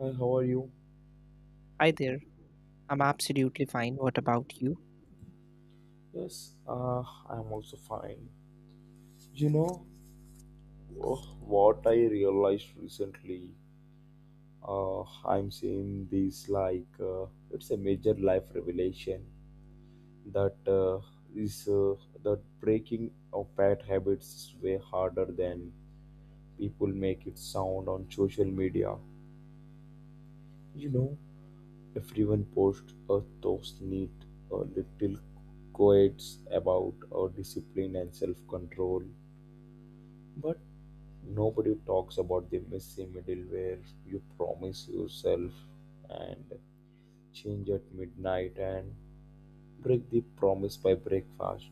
Hi, how are you? Hi there. I'm absolutely fine. What about you? Yes, I'm also fine. You know, oh, what I realized recently, uh, I'm seeing this like it's a major life revelation that is that breaking of bad habits is way harder than people make it sound on social media. You know, everyone posts a those neat little quotes about discipline and self-control. But nobody talks about the messy middle where you promise yourself and change at midnight and break the promise by breakfast.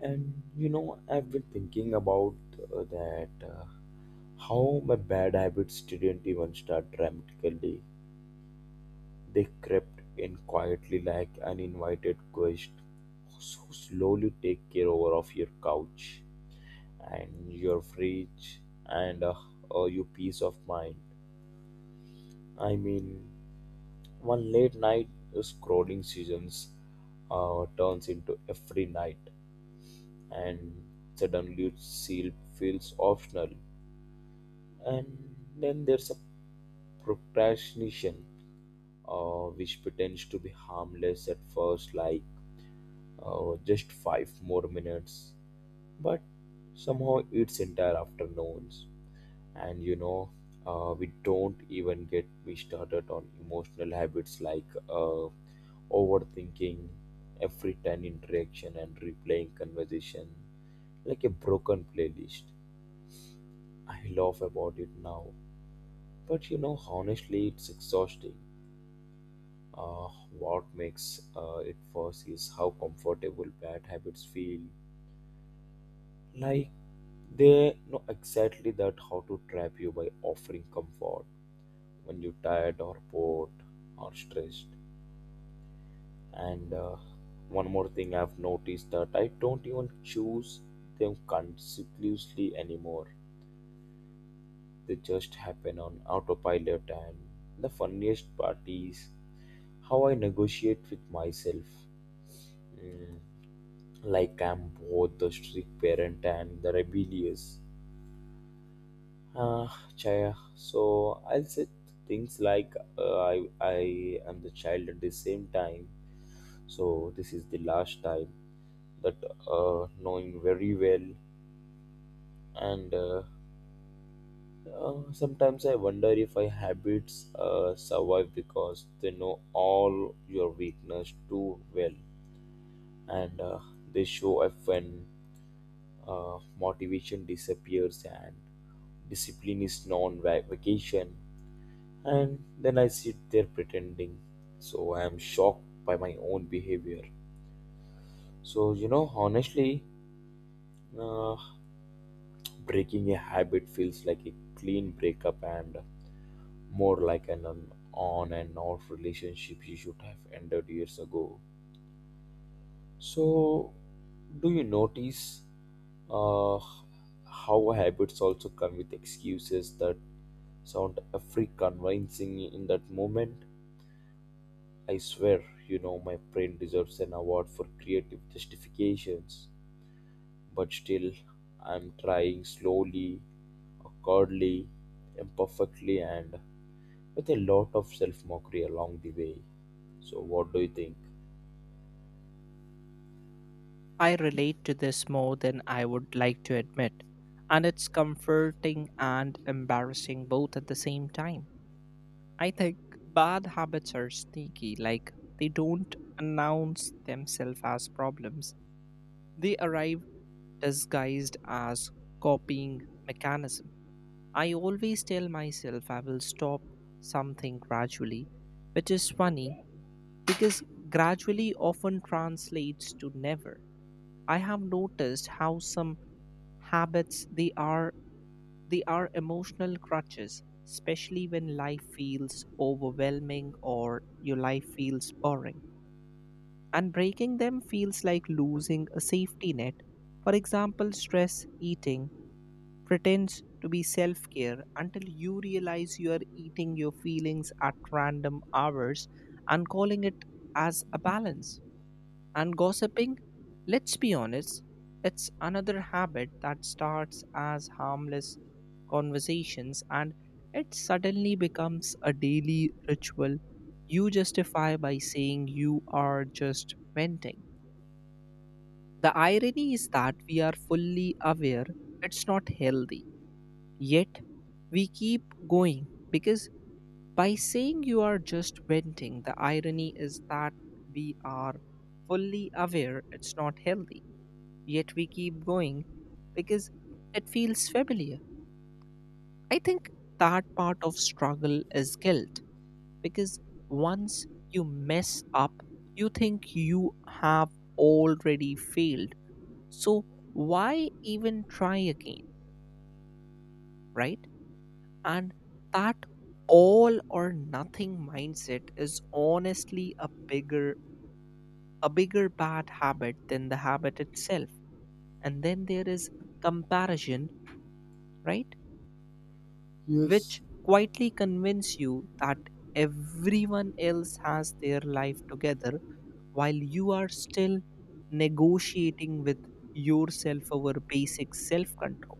And I've been thinking about that how my bad habits didn't even start dramatically. They crept in quietly like an invited guest who slowly take care over of your couch and your fridge and your peace of mind. I mean, one late night scrolling seasons turns into every night, and suddenly seal feels optional. And then there's a procrastination, which pretends to be harmless at first, like just 5 more minutes, but somehow it's entire afternoons. And we don't even get me started on emotional habits like overthinking every 10 interaction and replaying conversation like a broken playlist. I laugh about it now. But honestly, it's exhausting. Uh, what makes it worse is how comfortable bad habits feel. Like they know exactly that how to trap you by offering comfort when you're tired or bored or stressed. And one more thing I've noticed that I don't even choose them consciously anymore. They just happen on autopilot, and the funniest part is how I negotiate with myself. Mm, Like I'm both the strict parent and the rebellious. Uh, Chaya. So I'll say things like I am the child at the same time. So this is the last time that knowing very well, and sometimes I wonder if my habits survive because they know all your weakness too well, and they show up when motivation disappears and discipline is non vacation. And then I sit there pretending. So I am shocked by my own behavior. So, honestly, uh, breaking a habit feels like a clean breakup and more like an on and off relationship you should have ended years ago. So, do you notice uh, how habits also come with excuses that sound free convincing in that moment? I swear, my brain deserves an award for creative justifications, but still, I'm trying slowly, awkwardly, imperfectly, and with a lot of self mockery along the way. So, what do you think? I relate to this more than I would like to admit, and it's comforting and embarrassing both at the same time. I think bad habits are sneaky, like they don't announce themselves as problems. They arrive disguised as copying mechanism. I always tell myself I will stop something gradually, which is funny because gradually often translates to never. I have noticed how some habits they are emotional crutches, especially when life feels overwhelming or your life feels boring, and breaking them feels like losing a safety net. For example, stress eating pretends to be self-care until you realize you are eating your feelings at random hours and calling it as a balance. And gossiping, let's be honest, it's another habit that starts as harmless conversations and it suddenly becomes a daily ritual you justify by saying you are just venting. The irony is that we are fully aware it's not healthy, yet we keep going because by saying you are just venting, the irony is that we are fully aware it's not healthy yet we keep going because it feels familiar. I think that part of struggle is guilt because once you mess up, you think you have already failed. So why even try again, right? And that all or nothing mindset is honestly a bigger bad habit than the habit itself. And then there is comparison, right? Yes. Which quietly convince you that everyone else has their life together while you are still negotiating with yourself over basic self control.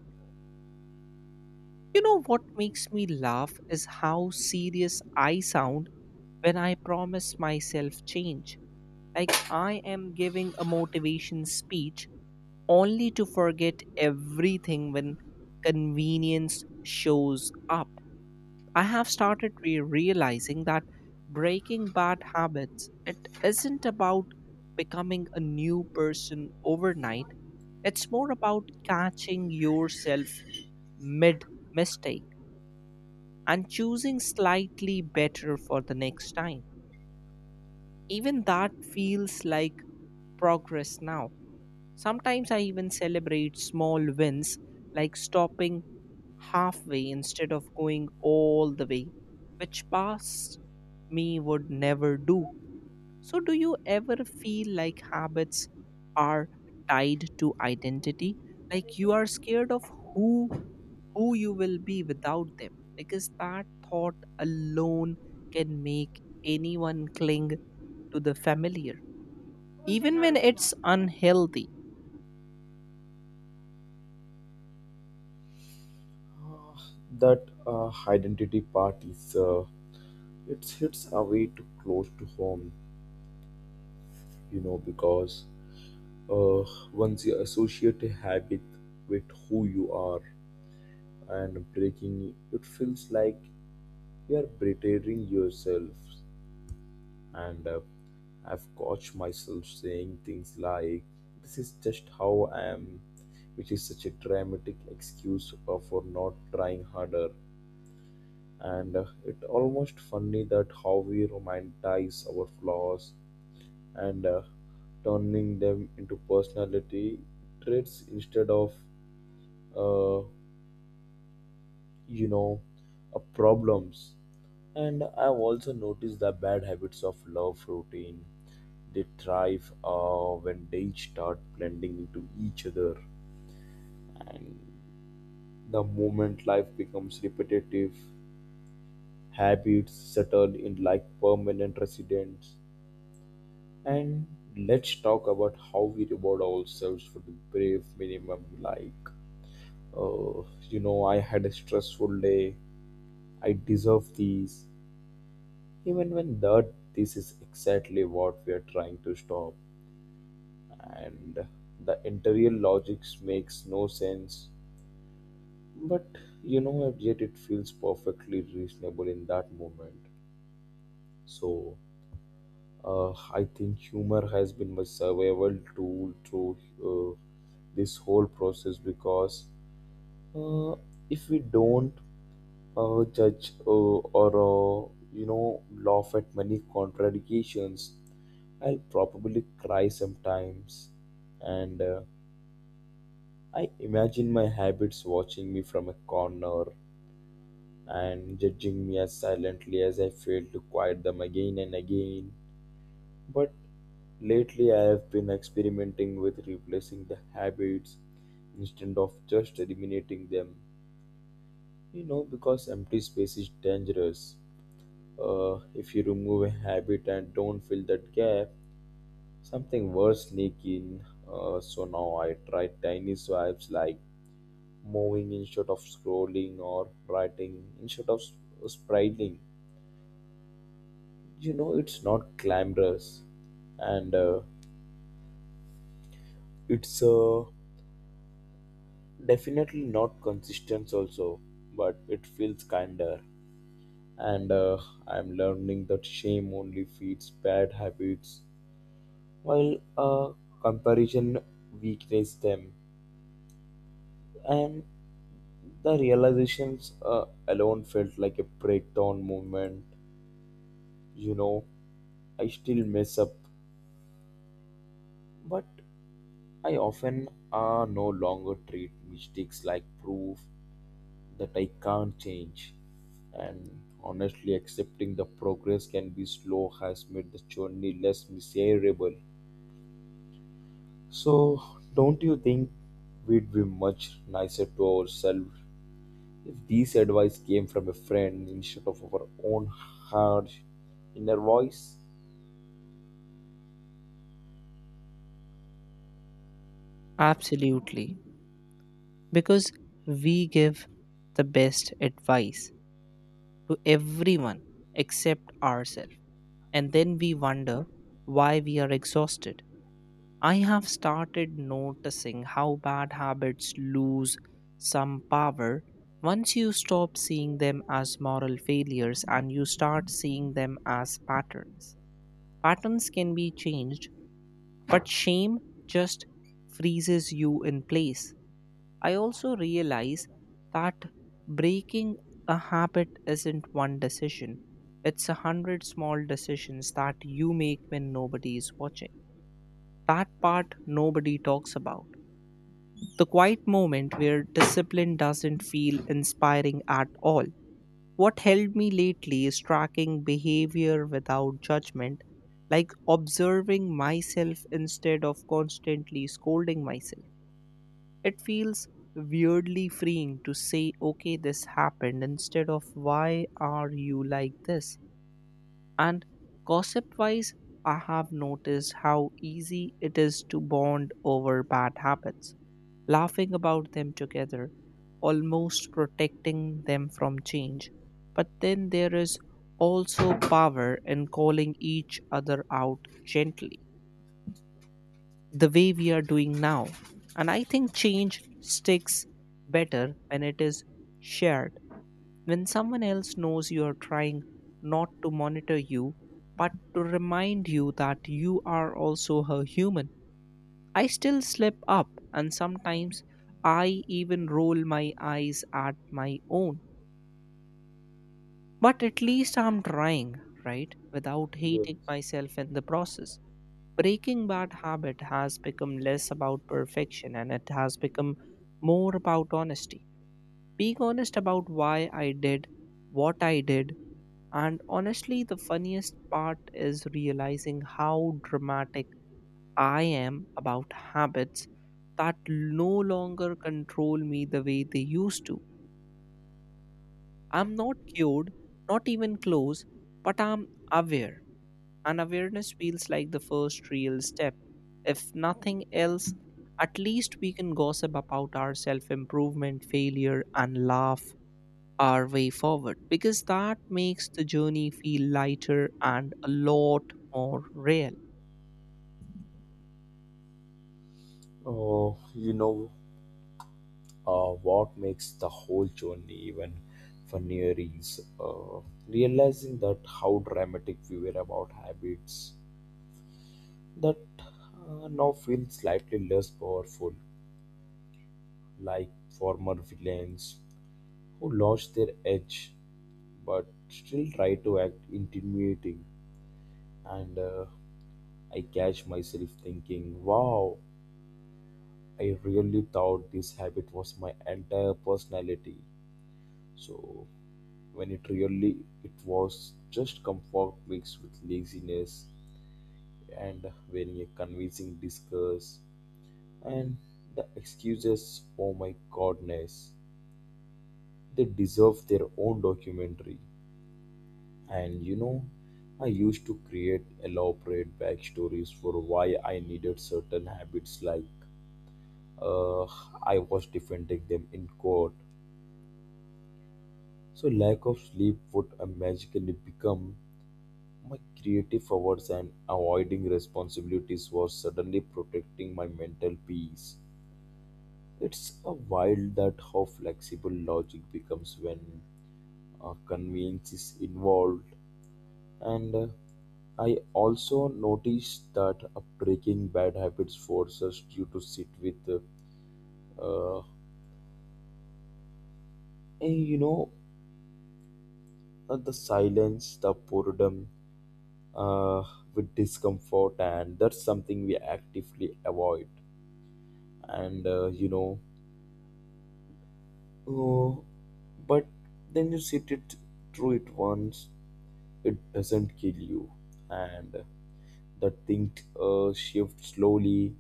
You know what makes me laugh is how serious I sound when I promise myself change. Like I am giving a motivation speech only to forget everything when convenience shows up. I have started realizing that breaking bad habits it isn't about becoming a new person overnight. It's more about catching yourself mid mistake and choosing slightly better for the next time. Even that feels like progress now. Sometimes I even celebrate small wins like stopping halfway instead of going all the way, which past me would never do. So, do you ever feel like habits are tied to identity? Like you are scared of who who you will be without them, because that thought alone can make anyone cling to the familiar even when it's unhealthy. Uh, that identity part is, it hits away too close to home, because uh, once you associate a habit with who you are, and breaking it feels like you are betraying yourself, and I've caught myself saying things like this is just how I am, which is such a dramatic excuse for not trying harder. And it almost funny that how we romanticize our flaws, and turning them into personality traits instead of uh, you know problems. And I've also noticed the bad habits of love routine. They thrive when they start blending into each other. And the moment life becomes repetitive, habits settle in like permanent residents. And let's talk about how we reward ourselves for the brave minimum, like, uh, I had a stressful day, I deserve these, even when that this is exactly what we are trying to stop, and the interior logics makes no sense, but yet it feels perfectly reasonable in that moment. So uh, I think humor has been my survival tool through uh, this whole process, because uh, if we don't judge or laugh at many contradictions, I'll probably cry sometimes. And I imagine my habits watching me from a corner and judging me as silently as I fail to quiet them again and again. But lately, I have been experimenting with replacing the habits instead of just eliminating them. Because empty space is dangerous. If you remove a habit and don't fill that gap, something worse sneak in. So now I try tiny swipes like moving instead of scrolling or writing instead of spriting. It's not glamorous, and it's definitely not consistent also, but it feels kinder. And I'm learning that shame only feeds bad habits while comparison weakens them, and the realizations alone felt like a breakdown moment. you know I still mess up. But I often no longer treat mistakes like proof that I can't change. And honestly, accepting the progress can be slow has made the journey less miserable. So, don't you think we'd be much nicer to ourselves if this advice came from a friend instead of our own harsh inner voice? Absolutely, because we give the best advice to everyone except ourselves. And then we wonder why we are exhausted. I have started noticing how bad habits lose some power once you stop seeing them as moral failures and you start seeing them as patterns. Patterns can be changed, but shame just freezes you in place. I also realize that breaking a habit isn't one decision, it's 100 small decisions that you make when nobody is watching. That part nobody talks about. The quiet moment where discipline doesn't feel inspiring at all. What helped me lately is tracking behavior without judgment, like observing myself instead of constantly scolding myself. It feels weirdly freeing to say, okay, this happened, instead of why are you like this? And gossip wise, I have noticed how easy it is to bond over bad habits, laughing about them together, almost protecting them from change. But then there is also power in calling each other out gently the way we are doing now. And I think change sticks better when it is shared. When someone else knows you are trying not to monitor you, but to remind you that you are also a human. I still slip up, and sometimes I even roll my eyes at my own. But at least I'm trying, right? Without hating Yes. myself in the process. Breaking bad habit has become less about perfection and it has become more about honesty. Being honest about why I did what I did. And honestly, the funniest part is realizing how dramatic I am about habits that no longer control me the way they used to. I'm not cured, not even close, but I'm aware. And awareness feels like the first real step. If nothing else, at least we can gossip about our self improvement, failure, and laugh our way forward because that makes the journey feel lighter and a lot more real. Oh, what makes the whole journey even funnier is realizing that how dramatic we were about habits that now feel slightly less powerful, like former villains who lost their edge but still try to act intimidating. And I catch myself thinking, wow, I really thought this habit was my entire personality. So when it really it was just comfort mixed with laziness and wearing a convincing disguise, and the excuses, oh my goodness, they deserve their own documentary. And I used to create elaborate backstories for why I needed certain habits, like uh, I was defending them in court. So lack of sleep would magically become my creative forwards, and avoiding responsibilities was suddenly protecting my mental peace. It's a wild that how flexible logic becomes when convenience is involved. And I also noticed that breaking bad habits forces us you to sit with, uh, and the silence, the boredom, uh, with discomfort, and that's something we actively avoid. And oh, but then you sit it through it once, it doesn't kill you, and the thing shifts slowly,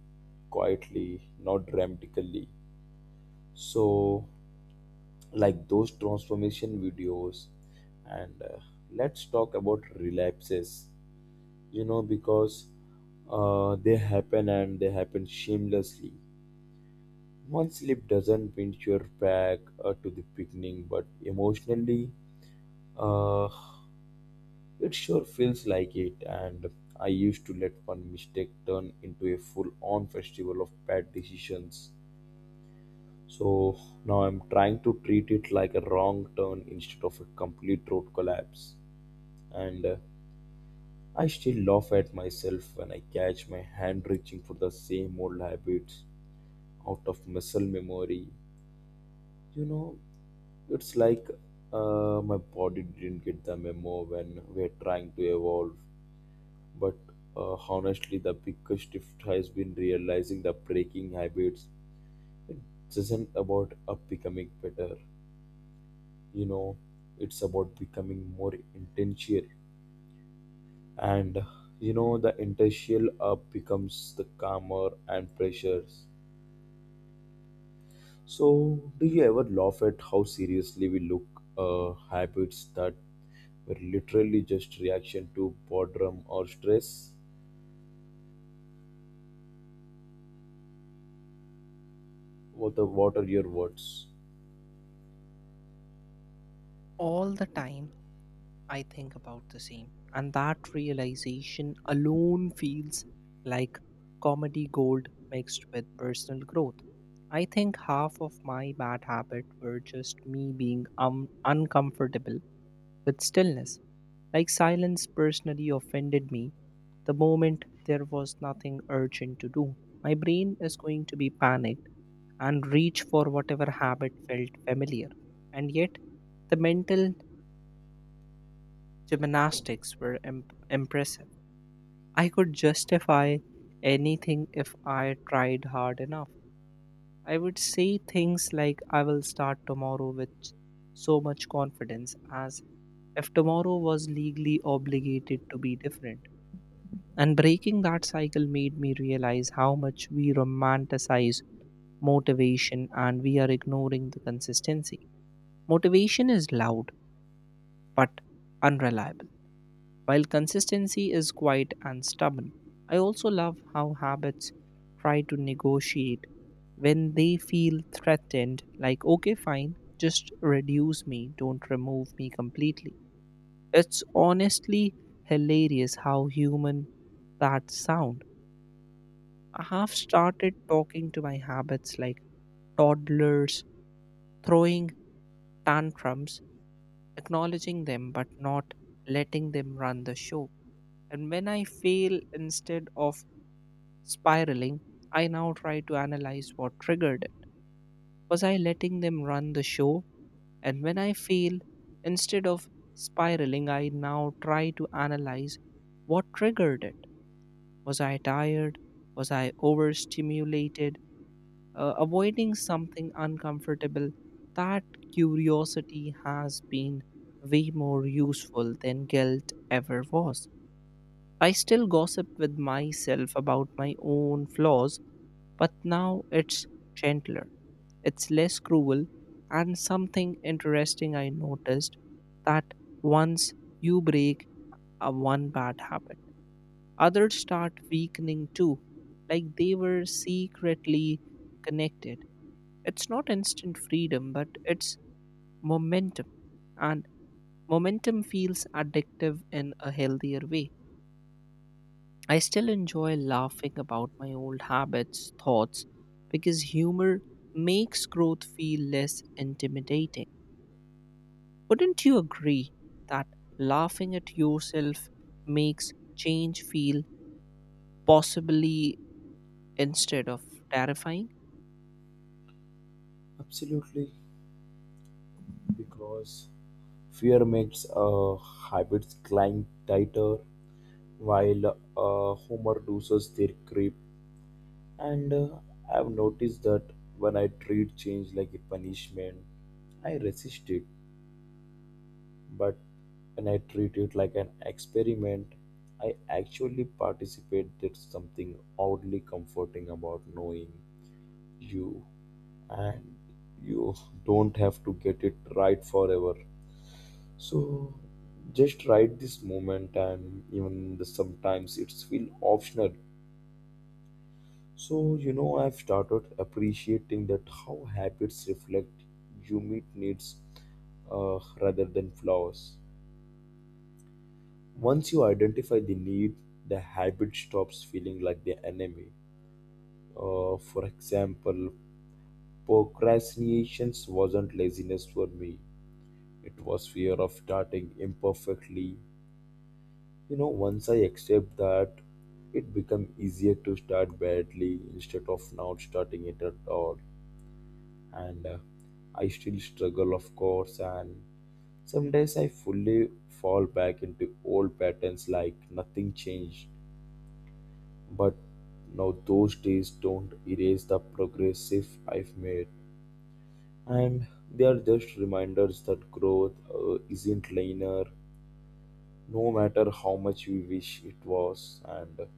quietly, not dramatically. So, like those transformation videos. And let's talk about relapses. Because they happen and they happen shamelessly. One slip doesn't pinch your back to the beginning, but emotionally, uh, it sure feels like it, and I used to let one mistake turn into a full on festival of bad decisions. So now I'm trying to treat it like a wrong turn instead of a complete road collapse. And I still laugh at myself when I catch my hand reaching for the same old habits out of muscle memory. You know, it's like my body didn't get the memo when we're trying to evolve. But honestly, the biggest shift has been realizing that breaking habits isn't about becoming better. You know, it's about becoming more intentional. And the intentional becomes the calmer and pressures. So, do you ever laugh at how seriously we look habits that were literally just reaction to boredom or stress? What are your words? All the time I think about the same. And that realization alone feels like comedy gold mixed with personal growth. I think half of my bad habit were just me being uncomfortable with stillness. Like silence personally offended me the moment there was nothing urgent to do. My brain is going to be panicked and reach for whatever habit felt familiar. And yet, the mental gymnastics were impressive. I could justify anything if I tried hard enough. I would say things like, I will start tomorrow with so much confidence, as if tomorrow was legally obligated to be different. And breaking that cycle made me realize how much we romanticize motivation and we are ignoring the consistency. Motivation is loud but unreliable, while consistency is quiet and stubborn. I also love how habits try to negotiate when they feel threatened, like, okay, fine, just reduce me, don't remove me completely. It's honestly hilarious how human that sound. I have started talking to my habits like toddlers, throwing tantrums, acknowledging them but not letting them run the show. And when I fail, instead of spiraling, I now try to analyze what triggered it. Was I letting them run the show? And when I fail, instead of spiraling, I now try to analyze what triggered it. Was I tired? Was I overstimulated? Avoiding something uncomfortable? That curiosity has been way more useful than guilt ever was. I still gossip with myself about my own flaws, but now it's gentler, it's less cruel. And something interesting I noticed, that once you break a one bad habit, others start weakening too, like they were secretly connected. It's not instant freedom, but it's momentum, and momentum feels addictive in a healthier way. I still enjoy laughing about my old habits, thoughts, because humor makes growth feel less intimidating. Wouldn't you agree that laughing at yourself makes change feel possibly instead of terrifying? Absolutely, because fear makes habits climb tighter, while humor loosens their grip. And I've noticed that when I treat change like a punishment, I resist it. But when I treat it like an experiment, I actually participate. There's something oddly comforting about knowing you, and you don't have to get it right forever. So just write this moment, and even the sometimes it's feel optional. So I've started appreciating that how habits reflect you meet needs rather than flaws. Once you identify the need, the habit stops feeling like the enemy. For example, procrastination wasn't laziness for me. It was fear of starting imperfectly. Once I accept that, it become easier to start badly instead of not starting it at all. And I still struggle, of course, and some days I fully fall back into old patterns like nothing changed. But now those days don't erase the progress if I've made, and they are just reminders that growth isn't linear, no matter how much we wish it was. And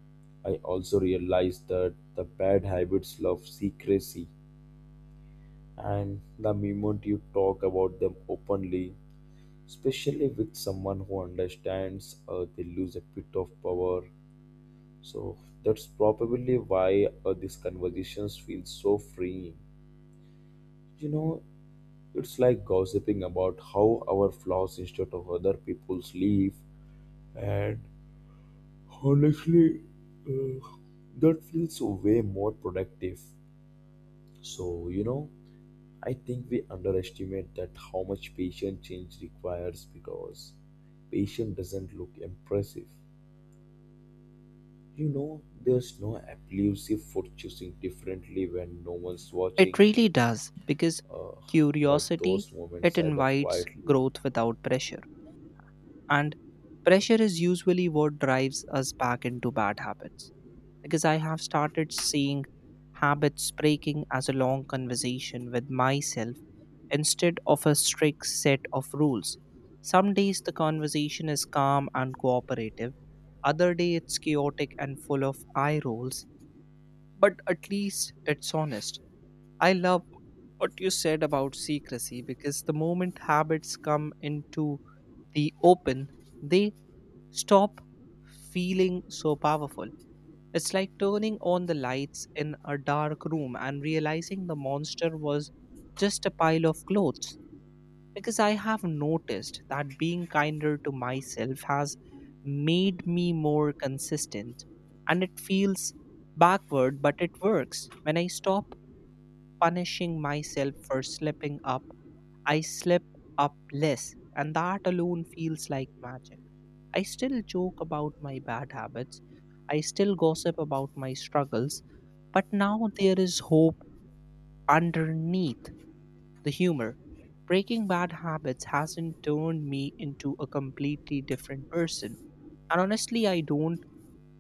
I also realized that the bad habits love secrecy, and the moment you talk about them openly, especially with someone who understands, they lose a bit of power. So that's probably why these conversations feel so freeing. You know, it's like gossiping about how our flaws instead of other people's live. And honestly, uh, that feels so way more productive. So, I think we underestimate that how much patient change requires, because patient doesn't look impressive. There's no elusive for choosing differently when no one's It watching, really does because but curiosity those moments it add up invites quietly. growth without pressure, and pressure is usually what drives us back into bad habits. Because I have started seeing habits breaking as a long conversation with myself instead of a strict set of rules. Some days the conversation is calm and cooperative, other day it's chaotic and full of eye rolls, but at least it's honest. I love what you said about secrecy, because the moment habits come into the open, they stop feeling so powerful. It's like turning on the lights in a dark room and realizing the monster was just a pile of clothes. Because I have noticed that being kinder to myself has made me more consistent. And it feels backward, but it works. When I stop punishing myself for slipping up, I slip up less, and that alone feels like magic. I still joke about my bad habits. I still gossip about my struggles. But now there is hope underneath the humor. Breaking bad habits hasn't turned me into a completely different person. And honestly, I don't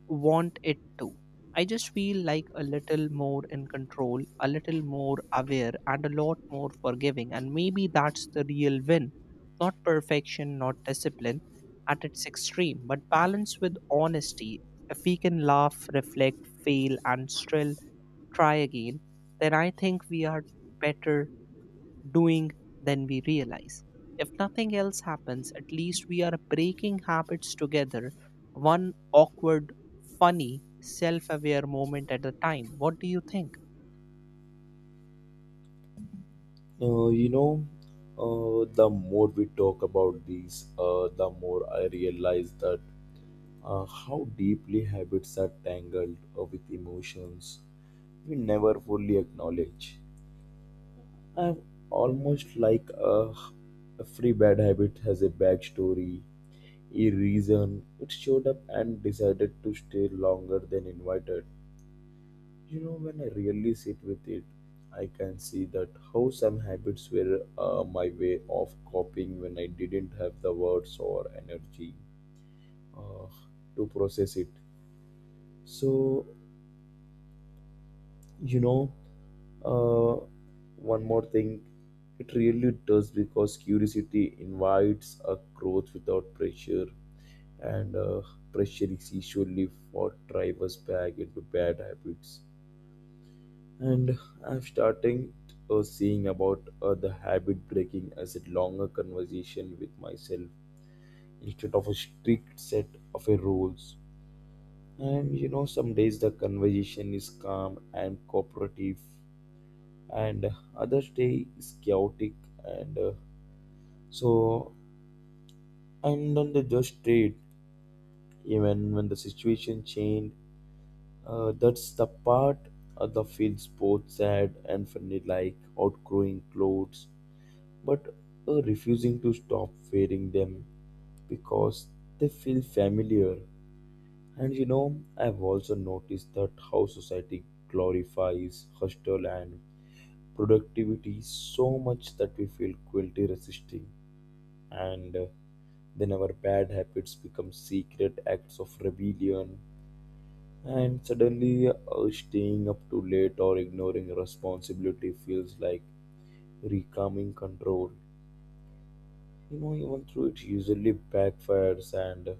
want it to. I just feel like a little more in control, a little more aware, and a lot more forgiving. And maybe that's the real win. Not perfection, not discipline at its extreme, but balance with honesty. If we can laugh, reflect, fail, and still try again, then I think we are better doing than we realize. If nothing else happens, at least we are breaking habits together, one awkward, funny, self aware moment at a time. What do you think? Uh, you know, the more we talk about these, the more I realize that how deeply habits are tangled with emotions we never fully acknowledge. I am almost like every bad habit has a backstory, a reason. It showed up and decided to stay longer than invited. When I really sit with it, I can see that how some habits were my way of coping when I didn't have the words or energy uh, to process it. So You know, uh, one more thing, it really does because curiosity invites a growth without pressure, and pressure is usually what drives us back into bad habits. And I'm starting seeing about the habit breaking as a longer conversation with myself instead of a strict set of a rules. And some days the conversation is calm and cooperative, and other day is chaotic, and so and on the just trade, even when the situation changed. That's the part of the feels both sad and funny, like outgrowing clothes but refusing to stop wearing them because they feel familiar. And I've also noticed that how society glorifies hustle and productivity so much that we feel guilty resisting, and then our bad habits become secret acts of rebellion, and suddenly staying up too late or ignoring responsibility feels like reclaiming control. Even though it usually backfires, and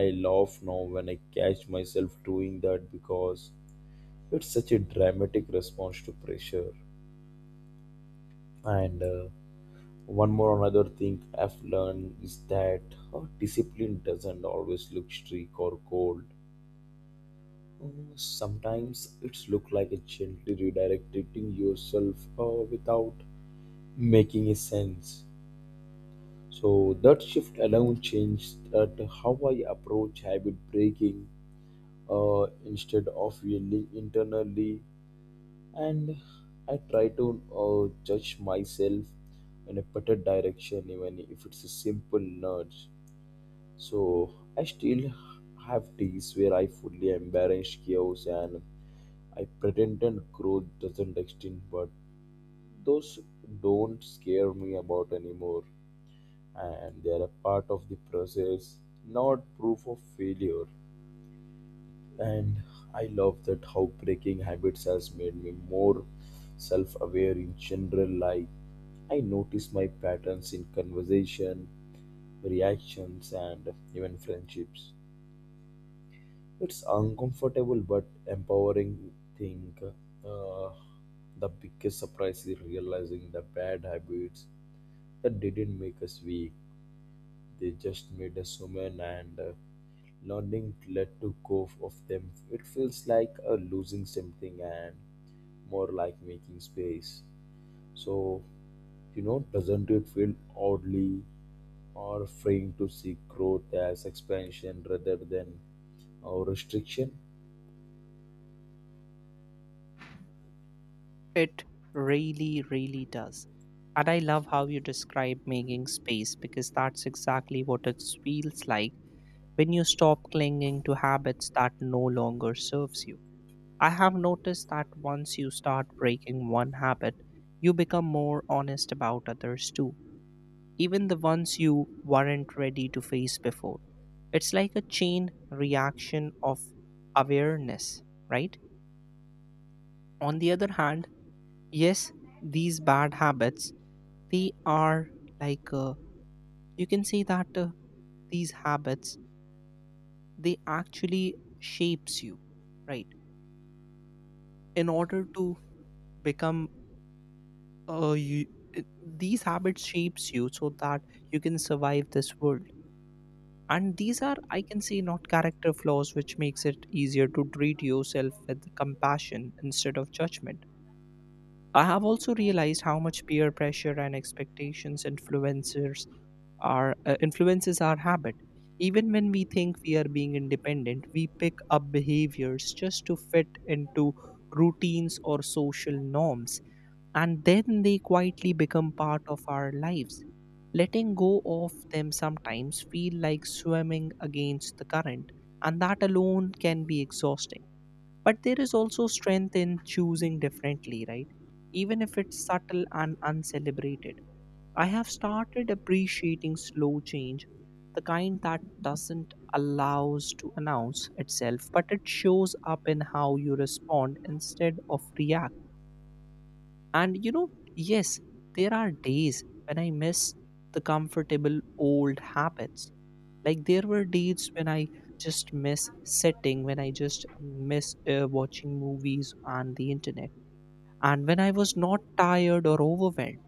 I laugh now when I catch myself doing that because it's such a dramatic response to pressure. And one more another thing I've learned is that discipline doesn't always look strict or cold. Sometimes it's look like a gently redirecting yourself without making a sense. So that shift alone changed that how I approach habit breaking, instead of yelling internally, and I try to judge myself in a better direction, even if it's a simple nudge. So I still have days where I fully embrace chaos and I pretended growth doesn't exist, but those don't scare me about anymore, and they are a part of the process, not proof of failure. And I love that how breaking habits has made me more self-aware in general life. I notice my patterns in conversation, reactions, and even friendships. It's uncomfortable but empowering. Think the biggest surprise is realizing the bad habits that didn't make us weak. They just made us human, and learning to let to go of them. It feels like losing something and more like making space. So doesn't it feel oddly or freeing to see growth as expansion rather than our restriction? It really, really does. And I love how you describe making space because that's exactly what it feels like when you stop clinging to habits that no longer serves you. I have noticed that once you start breaking one habit, you become more honest about others too, even the ones you weren't ready to face before. It's like a chain reaction of awareness, right? On the other hand, yes, these bad habits, they are like you can say that these habits they actually shapes you, right? In order to become you, these habits shapes you so that you can survive this world, and these are I can say not character flaws, which makes it easier to treat yourself with compassion instead of judgment. I have also realized how much peer pressure and expectations influencers are influences our habit, even when we think we are being independent we pick up behaviors just to fit into routines or social norms, and then they quietly become part of our lives. Letting go of them sometimes feel like swimming against the current, and that alone can be exhausting. But there is also strength in choosing differently, right? Even if it's subtle and uncelebrated. I have started appreciating slow change, the kind that doesn't allows to announce itself, but it shows up in how you respond instead of react. And you know, yes, there are days when I miss the comfortable old habits. Like there were days when I just miss sitting, when I just miss watching movies on the internet, and when I was not tired or overwhelmed.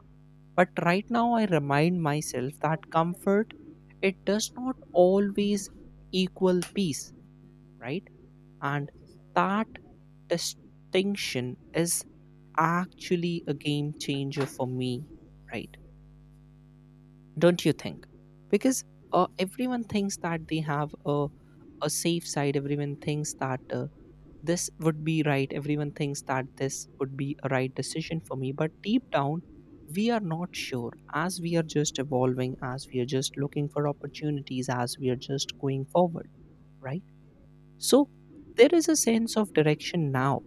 But right now, I remind myself that comfort, it does not always equal peace, right? And that distinction is actually a game changer for me, right? Don't you think? Because everyone thinks that they have a safe side, everyone thinks that this would be right, everyone thinks that this would be a right decision for me. But deep down, we are not sure as we are just evolving, as we are just looking for opportunities, as we are just going forward, right? So there is a sense of direction now.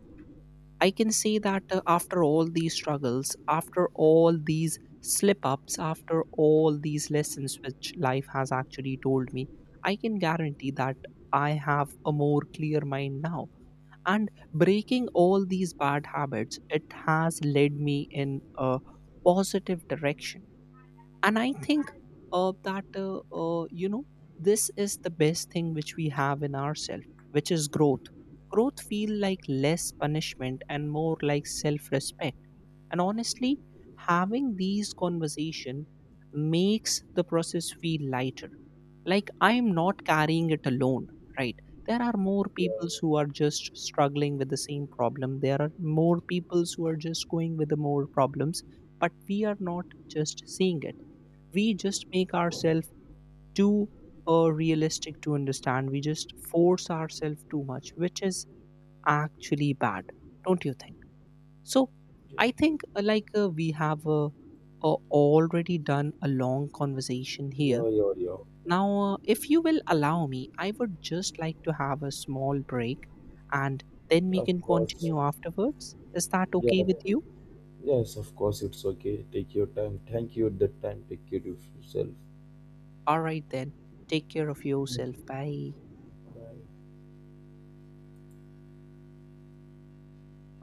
I can see that after all these struggles, after all these slip ups, after all these lessons which life has actually told me, I can guarantee that I have a more clear mind now. And breaking all these bad habits, it has led me in a positive direction. And I think that this is the best thing which we have in ourselves, which is growth. Growth feel like less punishment and more like self respect. And honestly, having these conversation makes the process feel lighter, like I am not carrying it alone, right? There are more peoples who are just struggling with the same problem, there are more peoples who are just going with the more problems, but we are not just seeing it, we just make ourselves too realistic to understand. We just force ourselves too much, which is actually bad, don't you think? So, Yeah. I think like we have already done a long conversation here. Yeah, yeah, yeah. Now, if you will allow me, I would just like to have a small break and then we Of can course. continue afterwards. Is that Yeah. okay with you? Yes, of course. It's okay. Take your time. Thank you. That time. Take care of yourself. All right, then. Take care of Thank yourself. you. Bye. Bye.